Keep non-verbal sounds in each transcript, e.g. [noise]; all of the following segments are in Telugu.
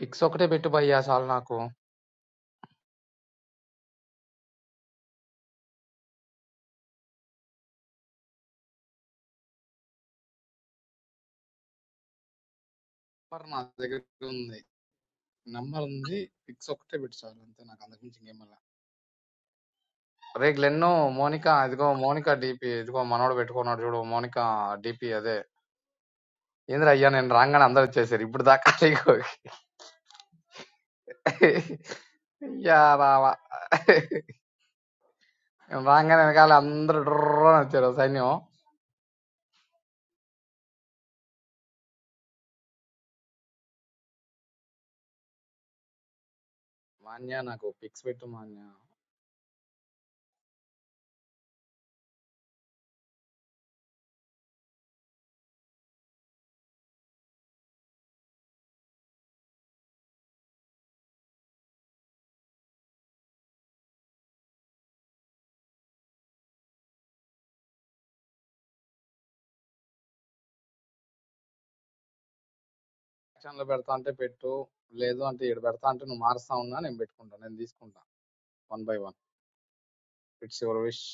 పిక్స్ ఒకటే పెట్టు భయ్యా చాలు నాకు నంబర్ నా దగ్గర ఉంది నంబర్ ఉంది పిక్స్ ఒకటే పెట్టు చాలు అంతే నాకు అంతకుమించి ఇంకేం మళ్ళా అరే గ్లెన్ను మోనిక ఇదిగో మోనిక డిపి ఇదిగో మనోడు పెట్టుకున్నాడు చూడు మోనిక డిపి అదే ఏంద్ర అయ్యా నేను రాగానే అందరు వచ్చేసారు ఇప్పుడు దాకా ఇగో. యా రావా నేను రాగానే వెనకాల అందరు డర్రని వచ్చారు సైన్యం మాన్య నాకు పిక్స్ పెట్టు మాన్య Action లో పెడతా అంటే పెట్టు లేదు అంటే ఇక్కడ పెడతా అంటే నువ్వు మారుస్తా ఉన్నా నేను పెట్టుకుంటా నేను తీసుకుంటా one by one. It's your wish.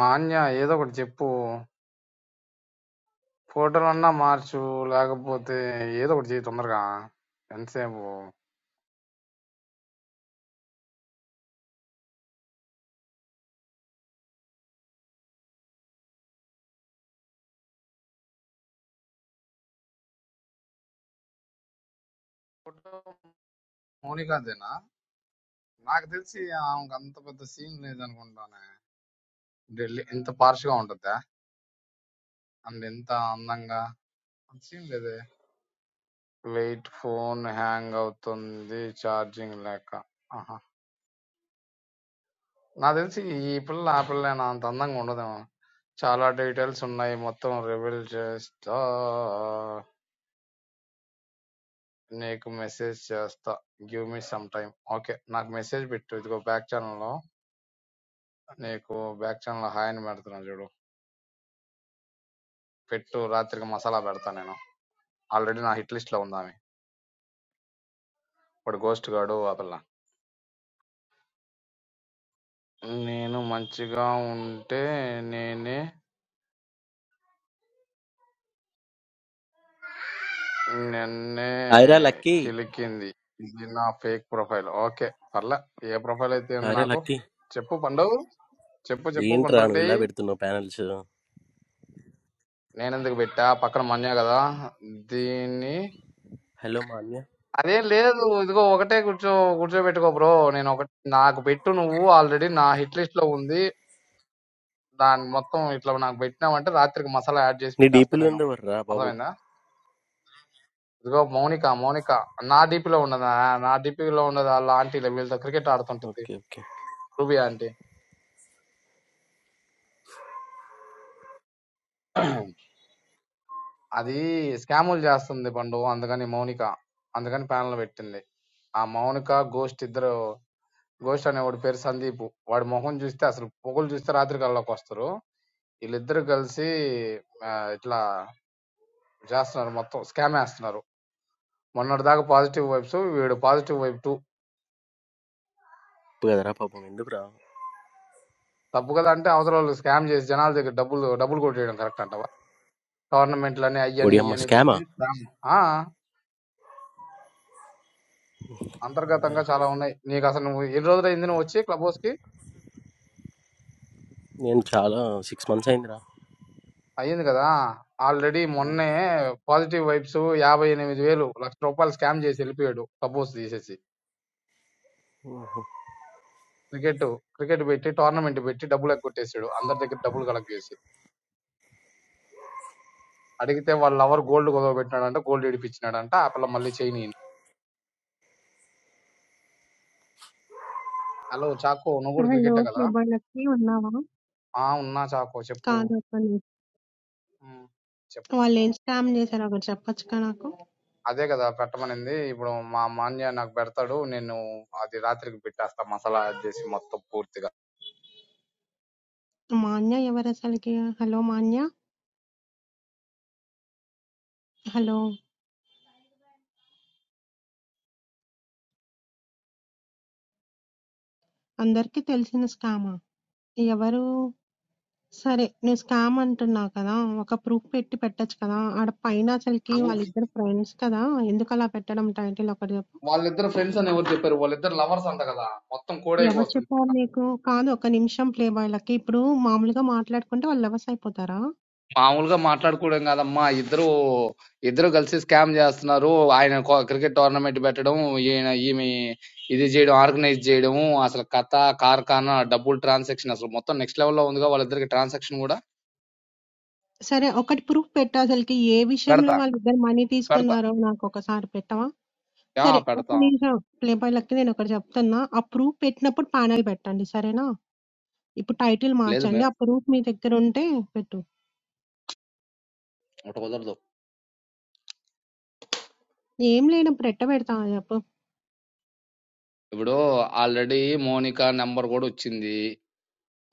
Manya ఏదో ఒకటి చెప్పు. ఫోటోలన్నా మార్చు లేకపోతే ఏదో ఒకటి చేయి తొందరగా. ఎంతసేపు? ఫోటో మౌనికాదేనా? నాకు తెలిసి ఆమెకు అంత పెద్ద సీన్ లేదనుకుంటాను. ఢిల్లీ ఇంత పార్ష్ గా ఉంటుందా? అండ్ ఎంత అందంగా అంత సీన్ లేదే. లైట్ ఫోన్ హ్యాంగ్ అవుతుంది ఛార్జింగ్ లేక. ఆహా. నాకు తెలిసి ఈ పిల్ల ఆ పిల్ల అంత అందంగా ఉండదేమో. చాలా డీటెయిల్స్ ఉన్నాయి మొత్తం రివీల్ చేస్తా నీకు మెసేజ్ చేస్తా give me some time okay నాకు మెసేజ్ పెట్టు ఇదిగో బ్యాక్ ఛానల్ లో నీకు బ్యాక్ ఛానల్ లో హాయ్ అని పెడుతున్నా చూడు పెట్టు రాత్రికి మసాలా పెడతా నేను ఆల్రెడీ నా హిట్ లిస్ట్ లో ఉంది ఆమె ఇప్పుడు గోస్ట్ గాడు ఆ పిల్ల నేను మంచిగా ఉంటే నేనే నిన్నే Aira lucky. కిలికింది ఇది నా ఫేక్ ప్రొఫైల్ ఓకే పర్లే ఏ ప్రొఫైల్ అయితే ఉంది Aira నాకు lucky. చెప్పు పండు చెప్పు చెప్పు You enter పండు an Reddy villa. Bed to no panels. Hello, నేను ఎందుకు పెట్టా పక్కన మన్యా కదా దీన్ని manya. అదేం లేదు ఇదిగో ఒకటే కూర్చో కూర్చోబెట్టుకో బ్రో నేను ఒకటి నాకు పెట్టు నువ్వు ఆల్రెడీ నా హిట్ లిస్ట్ లో ఉంది దాని మొత్తం ఇట్లా నాకు పెట్టినావంటే రాత్రికి మసాలా యాడ్ చేసి You deep పెట్టేస్తా నేను alone do forra. Papa. అర్థమైందా ఇదిగో మౌనిక మౌనిక నా DP లో ఉండదా నా DP లో ఉండదు వాళ్ళ ఆంటీలే వీళ్ళతో క్రికెట్ ఆడుతుంటది Okay, okay. రూబీ ఆంటీ అది స్కాములు చేస్తుంది పండు అందుకని మౌనిక అందుకని ప్యానల్ పెట్టింది ఆ మౌనిక గోస్ట్ ఇద్దరు గోస్ట్ అనే వాడి పేరు సందీప్ వాడి మొహం చూస్తే అసలు పొగలు చూస్తే రాత్రి కల్లోకి వస్తారు వీళ్ళిద్దరు కలిసి ఆ, ఇట్లా చేస్తున్నారు మొత్తం స్కామ్ వేస్తున్నారు మొన్నటి దాకా పాజిటివ్ వైబ్స్ వీడు positive vibe too What do forra. Papa. Indu forra. తప్పు కదా అంటే అవతల వాళ్ళు స్కామ్ చేసి జనాల దగ్గర డబ్బులు డబ్బులు కొట్టేయడం కరెక్ట్ అంటవా టోర్నమెంట్లని అయ్యని Oriam ఇయ్యని పిలిచి maskema. scam. ఆ, What do అంతర్గతంగా forra. చాలా ఉన్నాయి నీకు అసలు నువ్వు ఎన్ని రోజులు అయింది నువ్వు వచ్చి క్లబ్ హౌస్ కి You enter a six months aindra. అయ్యింది కదా ఆల్రెడీ మొన్నే పాజిటివ్ వైబ్స్ యాభై ఎనిమిది వేలు లక్ష రూపాయలు స్కామ్ చేసి వెళ్ళిపోయాడు క్లబ్ హౌస్ తీసేసి క్రికెట్ క్రికెట్ పెట్టి టోర్నమెంట్ పెట్టి డబ్బులు ఎగ్గొట్టేసాడు అందరి దగ్గర డబ్బులు కలెక్ట్ చేసి అడిగితే వాళ్ళ లవర్ గోల్డ్ కుదవబెట్టినాడంట గోల్డ్ ఇడిపించినాడంట ఆ పిల్ల మళ్ళీ చైన్ హలో చాకో నువ్వు ఆ! కూడా లో క్రికెటే ప్లే కదా బాయ్‌లకి ఉన్నావా? ఆ ఉన్నా చాకో చెప్పు కాదు అసలు. "ఉమ్, చెప్పు వాళ్ళేం స్కామ్ చేశారో ఒకటి చెప్పొచ్చుగా నాకు? అదే కదా పెట్టమనింది ఇప్పుడు మా మాన్య నాకు పెడతాడు నేను అది రాత్రికి పెట్టేస్తా మసాలా యాడ్ చేసి మొత్తం పూర్తిగా మా అన్య ఎవరసలకి? హలో మాన్య? హలో! అందరికీ తెలిసిన స్కామా? ఎవరు? సరే నువ్వు స్కామ్ అంటున్నావు కదా! ఒక ప్రూఫ్ పెట్టి పెట్టొచ్చు కదా! ఆడ పైన అసలకి "నువ్వు- వాళ్ళిద్దరు ఫ్రెండ్స్ కదా! ఎందుకలా పెట్టడం టైటిల్ ఒకటి చెప్పు? వాళ్ళిద్దరు ఫ్రెండ్స్ అని ఎవరు చెప్పారు వాళ్ళిద్దరు లవర్స్ అంట కదా మొత్తం ఎవరు కోడే చెప్పారు నీకు? కాదు ఒక్క నిమిషం ప్లే బాయ్‌లకి. ఇప్పుడు మామూలుగా మాట్లాడుకుంటే వాళ్ళు లవర్స్ అయిపోతారా? మామూలుగా మాట్లాడుకోవడం కాదమ్మా ఇద్దరు ఇద్దరు కలిసి స్కామ్ చేస్తున్నారు ఆయన కో- క్రికెట్ టోర్నమెంట్ పెట్టడం ఈయన ఈమె ఇది చేయడం ఆర్గనైజ్ చేయడం అసలు కథ కార్ఖానా డబ్బులు ట్రాన్సాక్షన్ అసలు మొత్తం నెక్స్ట్ లెవెల్ లో ఉందిగా వాళ్ళిద్దరికి ట్రాన్సాక్షన్ కూడా సరే ఒకటి ప్రూఫ్ పెట్టు అసలకి ఏ విషయంలో పెడతా వాళ్ళిద్దరు మనీ పెడతా తీసుకున్నారో నాకొకసారి పెట్టవా? యా సరే ఒక్క పెడతా నిమిషం ప్లేబాయ్‌లకి నేనొకటి చెప్తున్నా. ఆ ప్రూఫ్ పెట్టినప్పుడు ప్యానెల్ పెట్టండి సరేనా? ఇప్పుడు టైటిల్ లేదు మార్చండి. మేము ఆ ప్రూఫ్ మీ దగ్గరుంటే పెట్టు. ఒకటి కుదరదు ఏం లేనప్పుడు ఎట్ట పెడతావా చెప్పు? ఇప్పుడు ఆల్రెడీ మోనికా నెంబర్ కూడా వచ్చింది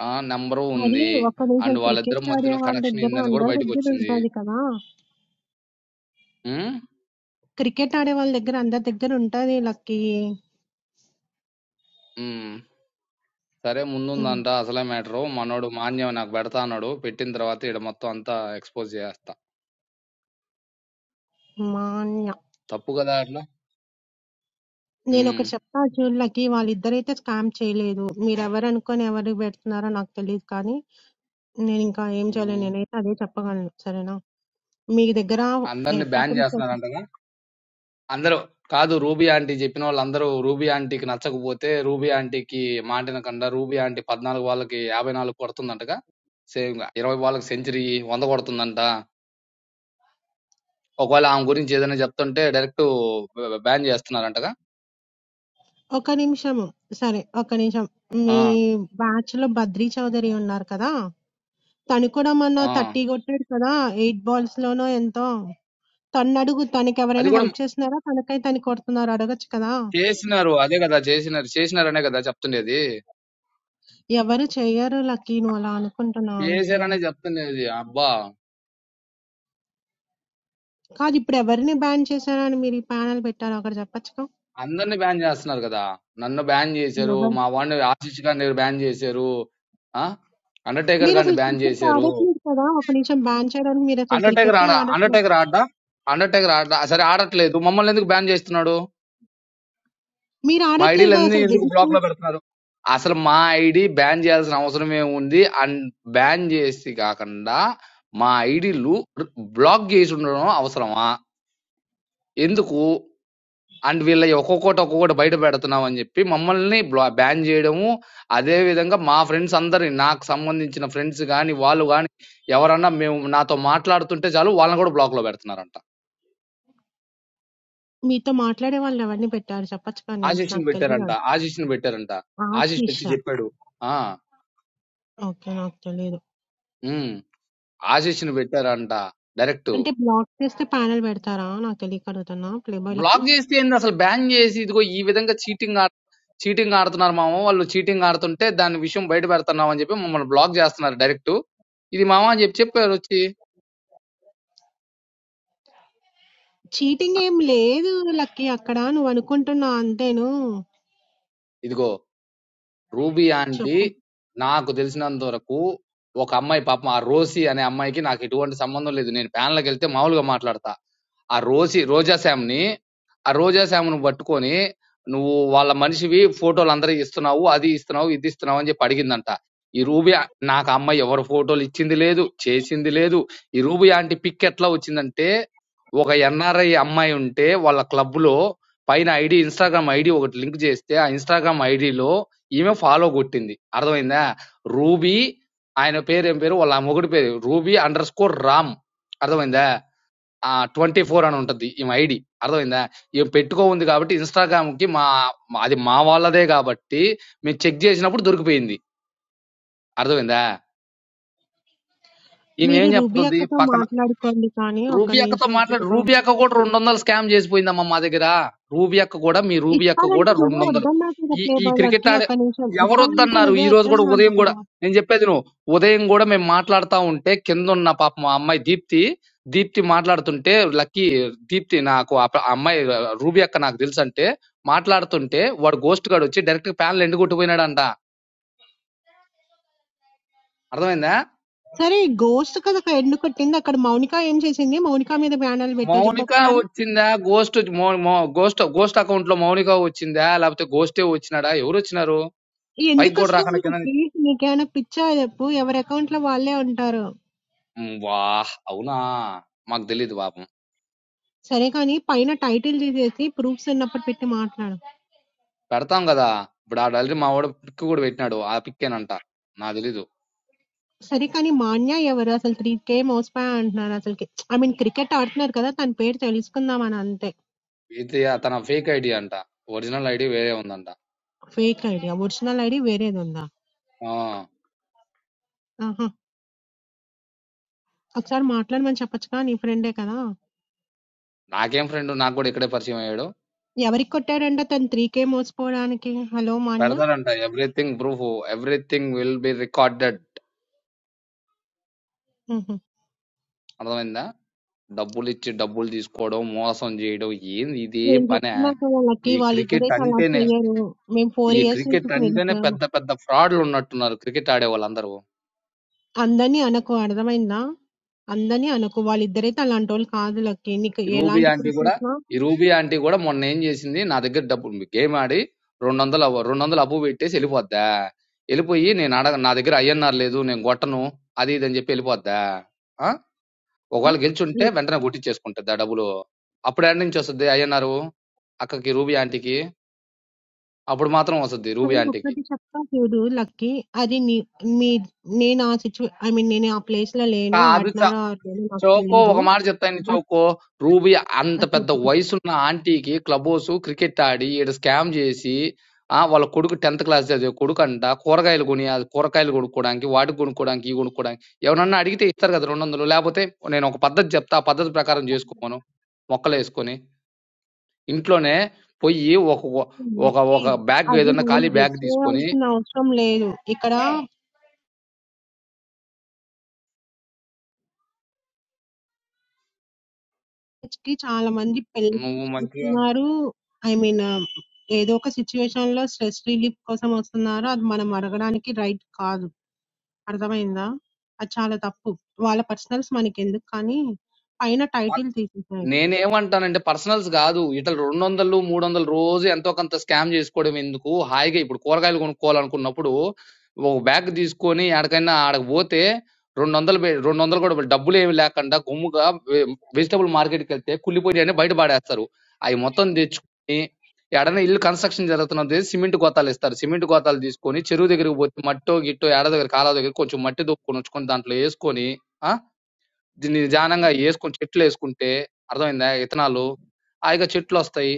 ఆ నెంబరు అది ఉంది ఒక్క నిమిషం అండ్ వాళ్ళిద్దరి క్రికెట్ ఆడే మధ్యలో వాళ్ళ కనెక్షన్ దగ్గర ఏందని కూడా అందరి బయటకు దగ్గర వచ్చింది ఉంటది కదా! ఉమ్? క్రికెట్ ఆడే వాళ్ళ దగ్గర అందరి దగ్గర ఉంటది లక్కీ. ఉమ్. సరే ముందుందంట అసలే మ్యాటరు. మనోడు మాన్యం నాకు పెడతా అన్నాడు. పెట్టిన తర్వాత ఈడ మొత్తం అంతా ఎక్స్‌పోజ్ చేసేస్తా. హ్మ్. తప్పు కదా అట్లా. హ్మ్. నేనొకటి చెప్తా అర్జున్‌లకి, వాళ్ళిద్దరైతే స్కామ్ చేయలేదు. మీరెవరనుకోని ఎవరికి పెడుతున్నారో నాకు తెలీదు కానీ, నేనింకా ఏం చేయలేను. హ్మ్. నేనైతే అదే చెప్పగలను. సరేనా? మీ దగ్గర అందరిని ఎట్ట బ్యాన్ ప్రూఫ్ ఒచ్చి చేస్తున్నారంటగా. అందరూ కాదు రూబీ ఆంటీ చెప్పిన వాళ్ళందరూ రూబీ ఆంటీకి నచ్చకపోతే రూబీ ఆంటీకి మాటినకుండా రూబీ ఆంటీ 14 బాళ్ళకి 54 కొడుతుందంటగా. సేమ్‌గా 20 బాళ్ళకి సెంచరీ 100 కొడుతుందంట. ఒకవేళ ఆమె గురించి ఏదైనా చెప్తుంటే డైరెక్ట్ బ్ బ్యాన్ చేస్తున్నారంటగా. ఒక నిమిషము. సరే. ఒక్క నిమిషం. ఆ! మీ బ్యాచ్‌లో బద్రి చౌదరి ఉన్నారు కదా! తను కూడా మొన్న ఆ! 30 కొట్టాడు కదా! 8 బాల్స్‌లోనో ఎంతో. తన్నడుగు. అది తనకెవరైనా కూడా హెల్ప్ చేస్తున్నారా? తనకై తను కొడుతున్నారు. అడగొచ్చు కదా! చేసినారు అదే కదా చేసినారు చేసినారనే కదా చెప్తుండేది ఎవరు చెయ్యరు లక్కీ. నువ్వలా అనుకుంటున్నావు అంతే. చేశారనే చెప్తుండేది అబ్బా కాదు ఇప్పుడు ఎవరిని బ్యాన్ చేశారా అని మీరు ఈ ప్యానెల్ పెట్టారు అక్కడ చెప్పొచ్చుగా అందరిని బ్యాన్ చేస్తున్నారు కదా నన్ను బ్యాన్ చేశారు ఎవరు మా వాడిని ఆశిష్ గారిని బ్యాన్ చేశారు ఆ అండర్టేకర్ మీరు గారిని అసలు బ్యాన్ క్రికెట్ చేశారు ఆడట్లేదు కదా ఒక నిమిషం బ్యాన్ చేయడానికి మీరు అసలు అండర్టేకర్ క్రికెటే ఆడ ఆడట్లేదు అండర్టేకర్ ఆడ అండర్టేకర్ ఆడ సరే ఆడట్లేదు మమ్మల్ని ఎందుకు బ్యాన్ చేస్తున్నాడు మీరు మా ఆడట్లేదు ఐడీలు కదా అన్ని అసలు ఎందుకు బ్లాక్ రిజిస్టర్ లో పెడుతున్నారు అసలు మా ఐడి బ్యాన్ చేయాల్సిన అవసరం ఏముంది అండ్ బ్యాన్ చేసి కాకుండా మా ఐడీలు బ్లాక్ చేసి ఉండడం అవసరమా ఎందుకు? అండ్ వీళ్ళయి ఒక్కొక్కటి ఒక్కొక్కటి బయట పెడుతున్నాం అని చెప్పి మమ్మల్ని బ్లా బ్యాన్ చేయడము. అదే విధంగా మా ఫ్రెండ్స్ అందరిని నాకు సంబంధించిన ఫ్రెండ్స్ గాని, వాళ్ళు గాని ఎవరన్నా మేము నాతో మాట్లాడుతుంటే చాలు వాళ్ళని కూడా బ్లాక్‌లో పెడుతున్నారంట. మీతో మాట్లాడే వాళ్ళు ఎవరిని పెట్టారు చెప్పొచ్చుగా నేమ్స్ ఆశీష్‌ని నాకు పెట్టారంట. తెలియదు ఆశీష్‌ని పెట్టారంట. ఆశీష్ ఆశీష వచ్చి చెప్పాడు. ఆ! ఓకే నాకు తెలియదు హ్మ్. ఆశీష్‌ని పెట్టారంట డైరెక్ట్. అంటే బ్లాక్ చేస్తే ప్యానెల్ పెడతారా నాకు తెలియక అడుగుతున్నా ప్లే బాయ్ లక్కి బ్లాక్ చేస్తే ఏంది అసలు బ్యాన్ చేసి ఇదిగో ఈ విధంగా చీటింగ్ చీటింగ్ ఆడుతున్నారు మామ వాళ్ళు చీటింగ్ ఆడుతుంటే దాని విషయం బయట పెడుతున్నాం అని చెప్పి మమ్మల్ని బ్లాక్ చేస్తున్నారు డైరెక్ట్ ఇది మామ అని చెప్పి చెప్పారు వచ్చి చీటింగ్ ఏం లేదు లక్కి అక్కడ నువ్వు అనుకుంటున్నా అంతేను ఇదిగో రూబీ ఆంటీ చెప్పు నాకు తెలిసినంత వరకు ఒక అమ్మాయి పాపం ఆ రోసి అనే అమ్మాయికి నాకు ఎటువంటి సంబంధం లేదు నేను ప్యాన్లకు వెళ్తే మామూలుగా మాట్లాడతా ఆ రోసి రోజా శ్యామ్ని ఆ రోజా శ్యామ్ను పట్టుకొని నువ్వు వాళ్ళ మనిషివి ఫోటోలు అందరికి ఇస్తున్నావు అది ఇస్తున్నావు ఇది ఇస్తున్నావు అని చెప్పి అడిగిందంట ఈ రూబీ ఆ- నాకు ఆ అమ్మాయి ఎవరు ఫోటోలు ఇచ్చింది లేదు చేసింది లేదు ఈ రూబీ ఆంటీ పిక్ ఎట్లా వచ్చిందంటే ఒక ఎన్ఆర్ఐ అమ్మాయి ఉంటే వాళ్ళ క్లబ్ లో పైన ఐడి ఇన్స్టాగ్రామ్ ఐడి ఒకటి లింక్ చేస్తే ఆ ఇన్స్టాగ్రామ్ ఐడిలో ఈమె ఫాలో కొట్టింది అర్థమైందా రూబీ ఆయన పేరు ఏం పేరు వాళ్ళ మొగుడి పేరు రూబీ అండర్ స్కోర్ రామ్ అర్థమైందా ఆ ట్వంటీ ఫోర్ అని ఉంటుంది ఈమె ఐడి అర్థమైందా ఈమె పెట్టుకో ఉంది కాబట్టి ఇన్స్టాగ్రామ్ కి మా మా- అది మా వాళ్ళదే కాబట్టి మేము చెక్ చేసినప్పుడు దొరికిపోయింది అర్థమైందా ఈమె మీరు ఏం రూబీ చెప్తుంది అక్కతో పక్కన మాట్లాడుకోండి కానీ ఒక్క రూబీ అక్కతో నిమిషం ప్లే మాట్లాడు బాయ్ రూబీ అక్క కూడా రెండు వందలు స్కామ్ చేసిపోయిందమ్మా మా దగ్గర రూబీ అక్క కూడా మీ రూబీ అక్క ఇస్తానంటే కూడా రెండు నువ్వే వందలు వద్దన్నావు కదా ఈ ప్లే ఈ క్రికెట్ బాయ్లకి ఆడే ఒక నిమిషం ఎవరు ఇస్తానంటే వద్దన్నారు నువ్వే ఈ రోజు కూడా వద్దన్నావు అంట ఉదయం కూడా కదా నేను చెప్పేది నువ్వు ఉదయం కూడా మేము మాట్లాడుతా ఉంటే కింద ఉన్న పాప మా అమ్మాయి దీప్తి దీప్తి మాట్లాడుతుంటే లక్కీ దీప్తి నాకు ఆ ప- ఆ అమ్మాయి రూబీ అక్క నాకు తెలుసు అంటే మాట్లాడుతుంటే వాడు గోస్ట్ గాడు వచ్చి డైరెక్ట్ ప్యానల్ ఎండు కొట్టిపోయినాడంట అర్థమైందా సరే గోస్ట్ కదా అక్కడ ఎండు కొట్టింది అక్కడ మౌనిక ఏం చేసింది మౌనిక మీద బ్యానర్లు పెట్టావు చెప్పు మౌనిక ఒకసారి వచ్చిందా గోస్ట్ గోస్ట్ గోస్ట్ అకౌంట్ లో మౌనిక వచ్చిందా లేకపోతే గోస్టే వచ్చినాడా ఎవరు వచ్చినారు ఈ పైకి ఎందుకు కూడా వస్తావు రాకుండా కింద నుంచి- వీళ్ళకి? నీకేమైనా పిచ్చా చెప్పు ఎవరి అకౌంట్ లో వాళ్ళే ఉంటారు ఉమ్, వా అవునా మాకు తెలీదు పాపం సరే కానీ పైన టైటిల్ తీసేసి ప్రూఫ్స్ ఉన్నప్పుడు పెట్టి మాట్లాడు పెడతాం కదా ఇప్పుడు ఆడ ఆల్రెడీ మా వాడు పిక్ కూడా పెట్టినాడు ఆ పిక్ ఏనంట నాకు తెలీదు సరే కానీ మాన్య ఎవరు అసలు త్రీ కే మోసపోయా అంటున్నారు అసలు ఐ మీన్ క్రికెట్ ఆడుతున్నారు కదా తన పేరు తెలుసుకుందామని అంతే ఇది తన ఫేక్ ఐడి అంట ఒరిజినల్ ఐడి వేరే ఉందంట ఫేక్ ఐడి ఒరిజినల్ ఐడి వేరేది ఉందా ఆ, ఒకసారి మాట్లాడమని చెప్పొచ్చుగా నీ ఫ్రెండే కదా! నాకేం ఫ్రెండ్ నాకు కూడా ఇక్కడే పరిచయం అయ్యాడు ఎవరికి కొట్టాడంట తను 3,000 మోసపోడానికి? హలో మాన్య? పెడతాడంట everything proof everything will be recorded హుహు. అర్థమైందా డబ్బులిచ్చి డబ్బులు తీసుకోవడం, మోసం చేయడం ఏంది ఇదే నేను పనా? చెప్తున్నా కదా లక్కీ ఈ క్రికెట్ వాళ్ళిద్దరైతే అలా అంటేనే చెయ్యరు. మేము 4 ఈ ఇయర్స్ నుంచి క్రికెట్ అంటేనే ఫ్రెండ్స్. పెద్ద పెద్ద ఫ్రాడ్‌లు ఉన్నట్టున్నారు క్రికెట్ ఆడే వాళ్ళందరూ. అందరిని అనకు అర్థమైందా? అందరిని అనకు. వాళ్ళిద్దరైతే అలాంటోళ్ళు కాదు లక్కీ. నీకు ఈ రూబీ ఎలాంటి ఆంటీ ప్రూఫ్ గూడా ఇచ్చినా ఈ రూబీ ఆంటీ గూడా మొన్న ఏం జేసింది, నా దగ్గర డబ్బుంది. గేమ్ ఆడి 200 అవ 200 అప్పు పెట్టేసి ఎళ్ళిపోద్దా? ఎళ్ళిపోయి నేను అడగ నా దగ్గర ఐఎన్ఆర్ లేదు, నేను గొట్టను, అది ఇది అని జెప్పి ఎళ్ళిపోద్దా? ఆ! ఆ! ఒకవేళ గెలుచుంటే హ్మ్. వెంటనే కొట్టిచ్చేసుకుంటదా డబ్బులు. అప్పుడేడ నుంచొస్తది ఐఎన్ఆర్ అక్కకి రూబీ ఆంటీకి? అప్పుడు మాత్రం వస్తది రూబీ కానీ ఆంటీకి. ఒక్కటి చెప్తా చూడు లక్కీ. అది నీ మీ నేను ఆ సిచ్యువే ఐ మీన్ నేను ఆ ప్లేస్‌లో లేను. కాదు చ- ఆడినారో ఆడలేదో నాకు చోకో తెలీదు. ఒక మాట చెప్తాను బట్ చోకో రూబీ ఆ! అంత చెప్పు పెద్ద చెప్పు. వయసున్న ఆంటీకి క్లబ్ హౌస్ క్రికెట్ ఆడి ఈడ స్కామ్ చేసి ఆ వాళ్ళ కొడుకు టెన్త్ క్లాస్ చదివే కొడుకు అంట కూరగాయలు కొని ఆ కూరగాయలు కొనుక్కోడానికి వాటికి కొనుక్కోడానికి ఇవి కొనుక్కోడానికి ఎవరన్నా అడిగితే ఇస్తారు కదా రెండు వందలు లేకపోతే నేను ఒక పద్ధతి చెప్తా ఆ పద్ధతి ప్రకారం చేసుకోమను మొక్కలు వేసుకొని ఇంట్లోనే పోయి ఒక ఒక కాబట్టి ఒక బ్యాగ్ అది ఏదన్నా మనం ఖాళీ జడ్జ్ బ్యాగ్ తీసుకొని చేయాల్సిన అవసరం లేదు. ఇక్కడ marriage కి చాలా మంది పెళ్లి నువ్వు మంచిగా చేసుకున్నారు. ఐ మీన్ ఏదో ఒక సిచ్యువేషన్ లో స్ట్రెస్ రిలీఫ్ కోసం వస్తున్నారు. అది మనం అడగడానికి రైట్ కాదు. అర్థమైందా? అది చాలా తప్పు. వాళ్ళ పర్సనల్స్ మనకెందుకు కానీ పైన టైటిల్ తీసేసాయి. నేనేమంటానంటే పర్సనల్స్ కాదు ఇట్లా రెండు వందలు మూడు వందలు రోజు ఎంతో కొంత స్కామ్ చేసుకోవడం ఎందుకు హాయిగా ఇప్పుడు కూరగాయలు కొనుక్కోవాలనుకున్నప్పుడు ఒక బ్యాగ్ తీసుకొని ఎక్కడికైనా ఆడకు పోతే రెండు వందలు పె- రెండు వందలు కూడా పె- డబ్బులు ఏమి లేకుండా గుమ్ముగా వెజిటబుల్ మార్కెట్కి వెళ్తే కుళ్ళిపోయి అని బయట పాడేస్తారు అవి మొత్తం తెచ్చుకొని ఎడన ఇల్లు కన్స్ట్రక్షన్ జరుగుతున్నది సిమెంట్ గోతాలు ఇస్తారు సిమెంట్ గోతాలు తీసుకొని చెరువు దగ్గరికి పోతే మట్టో గిట్టో ఎడ దగ్గర కాలువ దగ్గర కొంచెం మట్టి దొక్కుని వచ్చుకొని దాంట్లో వేసుకొని దీన్ని నిదానంగా యేసుకొని చెట్లేసుకుంటే అర్థమైందా? ఇత్తనాలు. హాయిగా చెట్లొస్తాయి.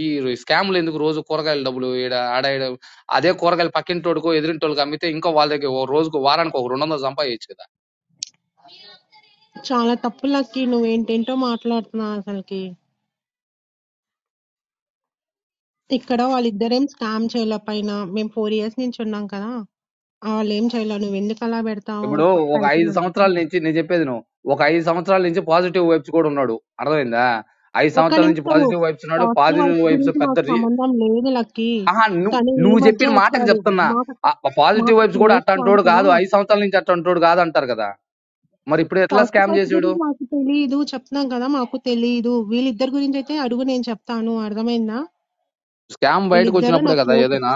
ఈ స్కామ్‌లెందుకు రోజు కూరగాయల డబ్బులు ఈడ, ఆడ, ఈడ అదే కూరగాయలు పక్కింటోడికో, ఎదురింటోళ్ళకో అమ్మితే ఇంకో వాళ్ళ దగ్గర ఓ రోజుకో, వారానికో ఒక 200 సంపాదియొచ్చు కదా! చాలా తప్పు లక్కి నువ్వేంటేంటో మాట్లాడుతున్నావు అసలుకి. ఇక్కడ వాళ్ళిద్దరేం స్కామ్ చేయలే పైన. మేము ఫోర్ ఇయర్స్ నుంచి ఉన్నాం కదా. ఆ! లేం చేయలా. నువ్వెందుకలా పెడతావు ఇప్పుడు ప ఒక టైటిల్ 5 అని. సంవత్సరాల నుంచి నేను చెప్పేది విను. ఒక 5 సంవత్సరాల నుంచి పాజిటివ్ వైబ్స్ కూడా ఉన్నాడు. అర్థమైందా? 5 ఒక్క సంవత్సరాల నుంచి నిమిషము. పాజిటివ్ వైబ్స్ ఉన్నాడు. పాజిటివ్ పాజిటివ్ వైబ్స్ వైబ్స్ గురించి పెద్ద మాకు రి సంబంధం లేదు లక్కీ. అహా! నువ్వు తను ఈ నువ్వు మధ్య చెప్పిన మాటకి వచ్చాడు. చెప్తున్నా. మాకు ఆ పాజిటివ్ మాకు వైబ్స్ కూడా క్లోజ్ కాదు అట్టాంటోడు కదా! కాదు. 5 సంవత్సరాల నుంచి అట్టాంటోడు కాదంటారు కదా! మరి ఇప్పుడు ఎట్లా పాజిటివ్ స్కామ్ వైబ్స్ చేసాడు? గురించి మాకు తెలీదు. చెప్తున్నాం కదా! మాకు తెలీదు. వీళ్ళిద్దరి గురించయితే అడుగు నేను చెప్తాను. అర్థమైందా? స్కామ్ బయటకు వీళ్ళిద్దరూ వచ్చినప్పుడే నాకు కదా క్లోజ్. ఏదైనా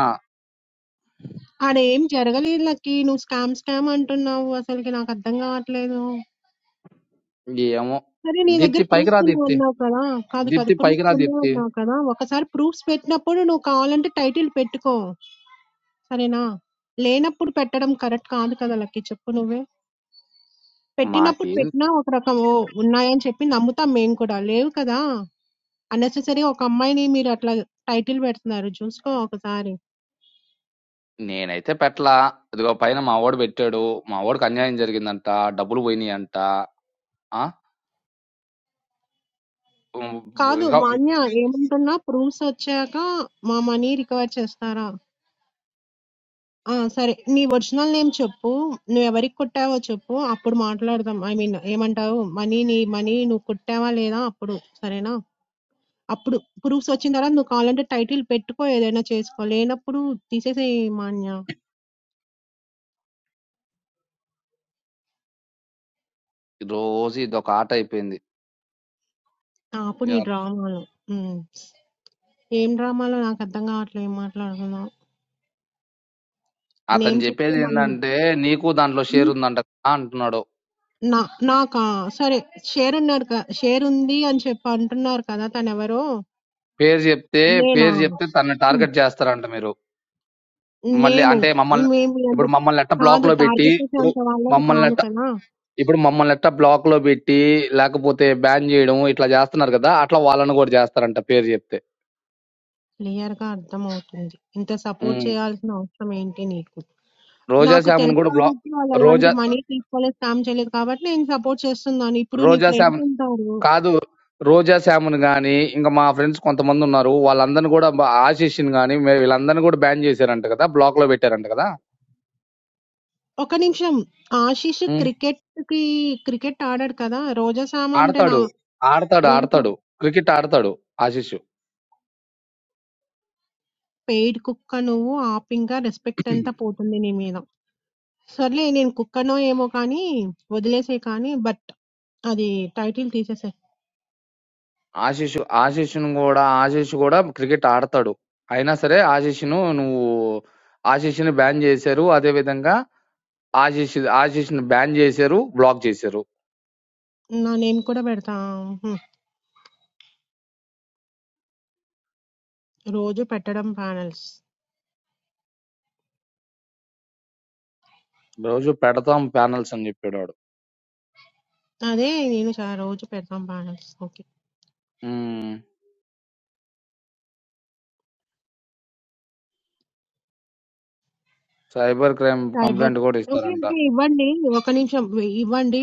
ఆడేం జరగలేదు లక్కీ. నువ్వు స్కామ్, స్కామ్ అంటున్నావు. అసలకి నాకర్థం కావట్లేదు. ఏమో సరే నీ దగ్గర దీప్తి పైకి రా ప్రూఫ్స్ ఉన్నాయి దీప్తి అన్నావు కదా కాదు కాదు దీప్తి పైకి ప్రూఫ్స్ రా ఉన్నాయి దీప్తి అన్నావు కదా ఒకసారి ప్రూఫ్స్ పెట్టినప్పుడు నువ్వు కావాలంటే టైటిల్ పెట్టుకో సరేనా లేనప్పుడు పెట్టడం కరెక్ట్ కాదు కదా లక్కి చెప్పు నువ్వే పెట్టినప్పుడు మాకేం పెట్టినా ఒక రకం "ఓ, ఉన్నాయని చెప్పి నమ్ముతాం మేము కూడా లేవు కదా అన్నెసెసరీ ఒక అమ్మాయిని మీరు అట్లా టైటిల్ పెడుతున్నారు చూసుకో ఒకసారి నేనైతే పెట్టలా ఇదిగో పైన మా వాడు పెట్టాడు మా వాడికి అన్యాయం జరిగిందంట డబ్బులు పోయినాయంట ఆ ఉమ్, కాదు ఇదిగో మాన్య ఏమంటున్నా ప్రూఫ్స్ వచ్చాక మా మనీ రికవర్ చేస్తారా ఆ! సరే. నీ ఒరిజినల్ నేమ్ చెప్పు. నువ్వెవరికి కుట్టావో చెప్పు. అప్పుడు మాట్లాడదాం. ఐ మీన్ ఏమంటావు? మనీ నీ మనీ నువ్వు కుట్టావా లేదా అప్పుడు. సరేనా? అప్పుడు ప్రూఫ్స్ వచ్చిన తర్వాత నువ్వు కావాలంటే టైటిల్ పెట్టుకో ఏదైనా చేసుకో. లేనప్పుడు తీసేసేయి మాన్య. రోజు ఇదొక ఆట అయిపోయింది ఆపు నీ డ్రామాలు. హ్మ్. ఏం డ్రామాలో నాకు అర్థం కావట్లేదు. ఏం మాట్లాడుతున్నావు? అతను నేమ్ చెప్తే చెప్పేది మళ్ళీ ఏంటంటే నీకు దాంట్లో షేర్ హ్మ్. ఉందంట కదా అంటున్నాడు నా నాకా? సరే. షేర్ ఉన్నాడు క షేర్ ఉంది అని చెప్పి అంటున్నారు కదా! తనెవరో? పేరు చెప్తే నేనా? పేరు చెప్తే తనని టార్గెట్ చేస్తారంట మీరు మళ్ళీ మేము అంటే మమ్మల్ని మేము అంత ఇప్పుడు మమ్మల్ని ఎట్ట బ్లాక్ కాదు లో పెట్టి టార్గెట్ ఇప్పుడు చేసేంత వాళ్ళం మమ్మల్ని కాదు ఎట్ట కదా ఇప్పుడు మమ్మల్నెట్టా బ్లాక్‌లో బెట్టి, లేకపోతే బ్యాన్ జేయడం ఇట్లా జేస్తన్నారు గదా! అట్లా వాళ్ళని గూడా జేస్తారంట పేరు జెప్తే. క్లియర్ గా అర్థమవుతుంది ఇంత సపోర్ట్ హ్మ్. చేయాల్సిన అవసరం ఏంటి నీకు రోజా నాకు శామ్‌ని తెలుసు గూడా బ్లా కాబట్టి వాళ్ళు అలాంటి రోజా మనీ తీసుకోలేదు స్కామ్ చేయలేదు కాబట్టి నేను సపోర్ట్ చేస్తున్నాను ఇప్పుడు నీ రోజా ఫ్రెండ్స్ శామ్‌ని ఉంటారు కాదు. రోజా శామ్‌ని గాని, ఇంక మా ఫ్రెండ్స్ కొంతమందున్నారు. వాళ్ళందరిని గూడా బ ఆశీష్‌ని గాని, మే వీళ్ళందరిని గూడా బ్యాన్ జేశారంట గదా! బ్లాక్‌లో బెట్టారంట గదా! ఒక నిమిషం ఆశీష్ హ్మ్. క్రికెట్ కి క్రికెట్ ఆడాడు కదా రోజా సామ్ అంటే నా ఆడతాడు. ఆడతాడు. రోజా ఆడతాడు. క్రికెట్ ఆడతాడు ఆశీష్. పెయిడ్ కుక్క నువ్వు ఆపింగా రెస్పెక్ట్ అంతా పోతుంది నీ మీద సర్లే నేను కుక్కనో ఏమో కానీ వదిలేసే కానీ బట్ అది టైటిల్ తీసేసేయ్. ఆశీష్ ఆశీష్‌ను గూడా ఆశీష్ గూడా క్రికెట్ ఆడతాడు. అయినా సరే ఆశీష్‌ను నువ్వు ఆశీష్‌ని బ్యాన్ చేశారు. అదే విధంగా ఆశీష్ ఆశీష్‌ని బ్యాన్ చేశారు. బ్లాక్ చేశారు. నా నేమ్ కూడా పెడతా. హ్మ్. రోజు పెట్టడం ప్యానెల్స్. రోజు పెడతాం ప్యానెల్స్ అని చెప్పాడు వాడు. అదే నేను చ రోజు పెడతాం panels. Okay. Hmm. Cyber crime cyber complaint గూడా ఓకే. ఇస్తారంట. ఓకే. ఇవ్వండి. ఒక నిమిషం ఇ- ఇవ్వండి.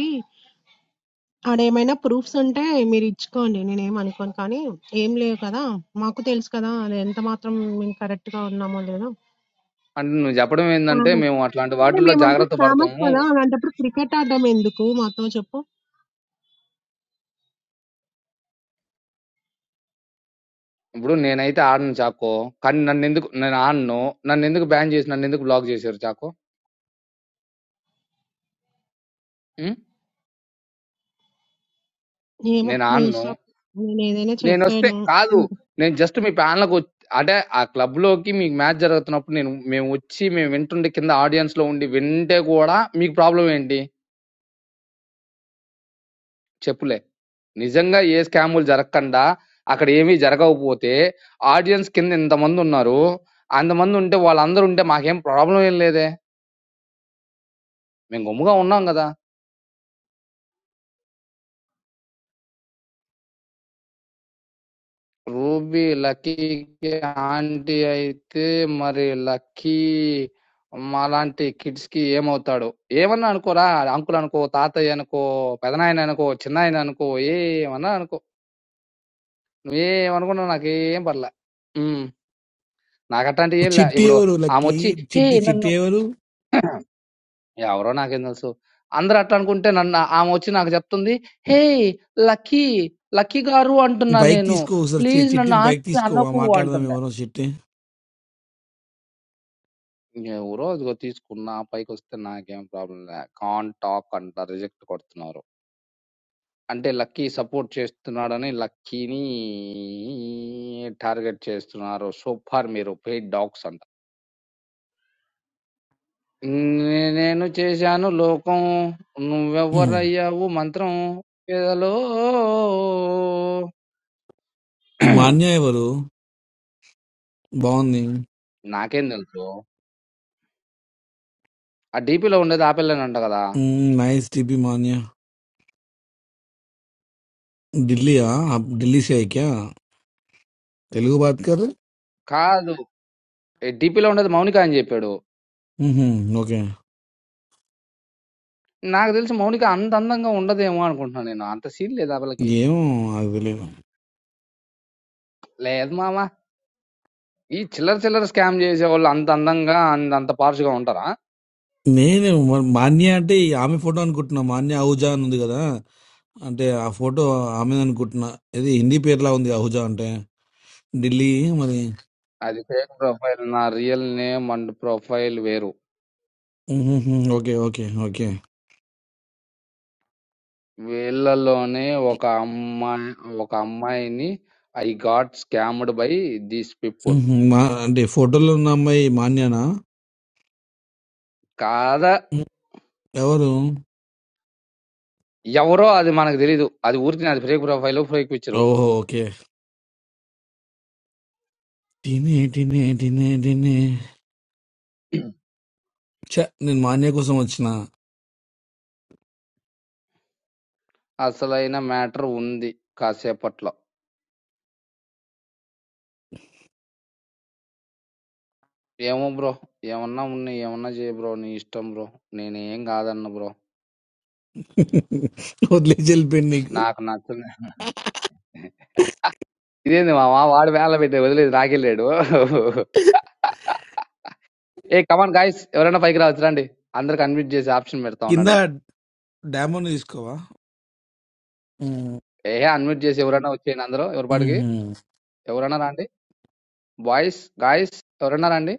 ఆడేమైనా ప్రూఫ్స్ ఉంటే మీరు ఇచ్చుకోండి. నేనేం అనుకోను కానీ ఏం లేవు కదా! మాకు తెలుసు కదా! అది ఎంత మాత్రం మేము కరెక్ట్‌గా ఉన్నామో లేదో. అంటే నువ్వు చెప్పడం ఏందంటే స్కామర్స్. మేము అట్లాంటి సరే వాటిల్లో మేమంతా జాగ్రత్త స్కామర్స్ పడతాము. కదా! అలాంటప్పుడు క్రికెట్ ఆడడం ఎందుకు మాతో చెప్పు? ఇప్పుడు నేనైతే ఆడను చాకో. కానీ నన్నెందుకు నేను ఆడను. నన్నెందుకు బ్యాన్ చేసి నన్నెందుకు బ్లాక్ చేశారు చాకో? హ్మ్. ఏమో నేను మీ ఆడను. ఇష్టం. నేనేదైనా నేను వస్తే చెప్పాను. కాదు నేను జస్ట్ మీ ప్యానల్కి అంటే ఆ క్లబ్ లోకి మీకు మ్యాచ్ జరుగుతున్నప్పుడు నేను మేము వచ్చి మేము వింటుండే కింద ఆడియన్స్ లో ఉండి వింటే కూడా మీకు ప్రాబ్లం ఏంటి చెప్పులే నిజంగా ఏ స్కాములు జరగకుండా అక్కడ ఏమీ జరగకపోతే ఆడియన్స్ కింద ఇంతమంది ఉన్నారు అంతమంది ఉంటే వాళ్ళందరూ ఉంటే మాకేం ప్రాబ్లం ఏం లేదే మేము గమ్ముగా ఉన్నాం కదా రూబీ లక్కీకి ఆంటీ అయితే మరి లక్కీ మాలాంటి కిడ్స్‌కి ఏమవుతాడో? ఏమన్నా అనుకోరా అంకుల్ అనుకో, తాతయ్య అనుకో, పెదనాయన అనుకో, చిన్నాయన అనుకో ఏమన్నా అనుకో. నువ్వేమనుకున్నావు నాకేం పర్లే. హ్మ్. నాకట్లాంటివి ఏం లే. చిట్టి ఇప్పుడు ఎవరు లక్కి ఆమొచ్చి హే! చిట్టి నన్ను చిట్టి ఎవరు ఎవరో నాకేం తెలుసు. అందరూ అట్లా అనుకుంటే నన్ను ఆమొచ్చి నాకు చెప్తుంది హే! లక్కీ, లక్కీ గారు అంటున్నా బైక్ నేను. తీసుకో ఒకసారి చి- ప్లీజ్ నన్ను చిట్టిని బైక్ ఆంటీ తీసుకో ఆ అనకు మాట్లాడదాం అంటుంది. ఎవరో చిట్టి ఎవరో అదిగో తీసుకున్న పైకొస్తే నాకేం ప్రాబ్లం లే. కాన్ టాక్ అంట రిజెక్ట్ కొడుతున్నారు. అంటే లక్కీ సపోర్ట్ చేస్తున్నాడని లక్కీని టార్గెట్ చేస్తున్నారు. సూపర్ మీరు పెయిడ్ డాగ్స్ అంట. నే- నేను చేశాను లోకం ఉమ్. నువ్వెవరయ్యావు మంత్రం పేదలో ఈ మాన్య ఎవరు బాగుంది నాకేం తెలుసు ఆ DP లో ఉండేది ఆ పిల్లనంట కదా ఉమ్, నైస్ టిపి మాన్య ఢిల్లీయా అప్ ఢిల్లీ సే క్యా తెలుగు బాత్ కర్ కాదు DP లో ఉండేది మౌనిక అని చెప్పాడు ఉహుం, ఓకే నాకు తెలిసి మౌనిక అంత అందంగా ఉండదేమో అనుకుంటున్నాను నేను అంత సీన్ లేదు వాళ్ళకి ఏమో నాకు తెలియదు లేదు మామ ఈ చిల్లర చిల్లర స్కామ్ చేసే వాళ్ళు అంత అందంగా అంత అంత posh గా ఉంటారా నేను మ- మాన్య అంటే ఈ ఆమె ఫోటో అనుకుంటున్నా మాన్య అహుజా అని ఉంది కదా అంటే ఆ ఫోటో ఆమె అనుకుంటున్నా ఇది హిందీ పేరులా ఉంది అహుజా అంటే ఢిల్లీ మరి అది ఫేక్ ప్రొఫైల్ నా రియల్ నేమ్ అండ్ ప్రొఫైల్ వేరు ఉహుం, ఓకే ఓకే ఓకే వీళ్ళలోనే ఒక అమ్మాయి ఒక అమ్మాయిని I got scammed by these people hmm. మా అంటే ఫోటోలో ఉన్న అమ్మాయి మాన్యనా కాదా మ్మ్. ఎవరు ఎవరో అది మనకు తెలీదు అది ఊరికి అది ఫేక్ ప్రొఫైల్ ఫేక్ పిక్చర్ ఓహో ఓకే టినే టినే టినే టినే ఛ, నేను మాన్య కోసం వచ్చిన అసలైన మ్యాటర్ ఉంది కాసేపట్లో ఏమో బ్రో! ఏమన్నా ఉన్నయి ఏమన్నా చెయి బ్రో! నీ ఇష్టం బ్రో! నేనేం కాదనను బ్రో. [laughs] వదిలేసి వెళ్ళిపోయింది నీకు నాకు నచ్చలే. ఇదేంది మామ వాడు వేళ పెట్టి వదిలేసి నాకెళ్ళాడు. ఏయ్ కమాన్ గాయ్స్ ఎవరైనా పైకి రావచ్చు రండి. అందరికి అన్మ్యూట్ చేసి ఆప్షన్ పెడతా కింద ఉండండి. డామోని తీసుకోవా మ్మ్. ఏహే అన్మ్యూట్ చేసి ఎవరైనా వచ్చేయండి అందరూ ఎవరి పాటికి. మ్మ్. ఎవరైనా రండి. బాయ్స్, గాయ్స్ ఎవరైనా రండి.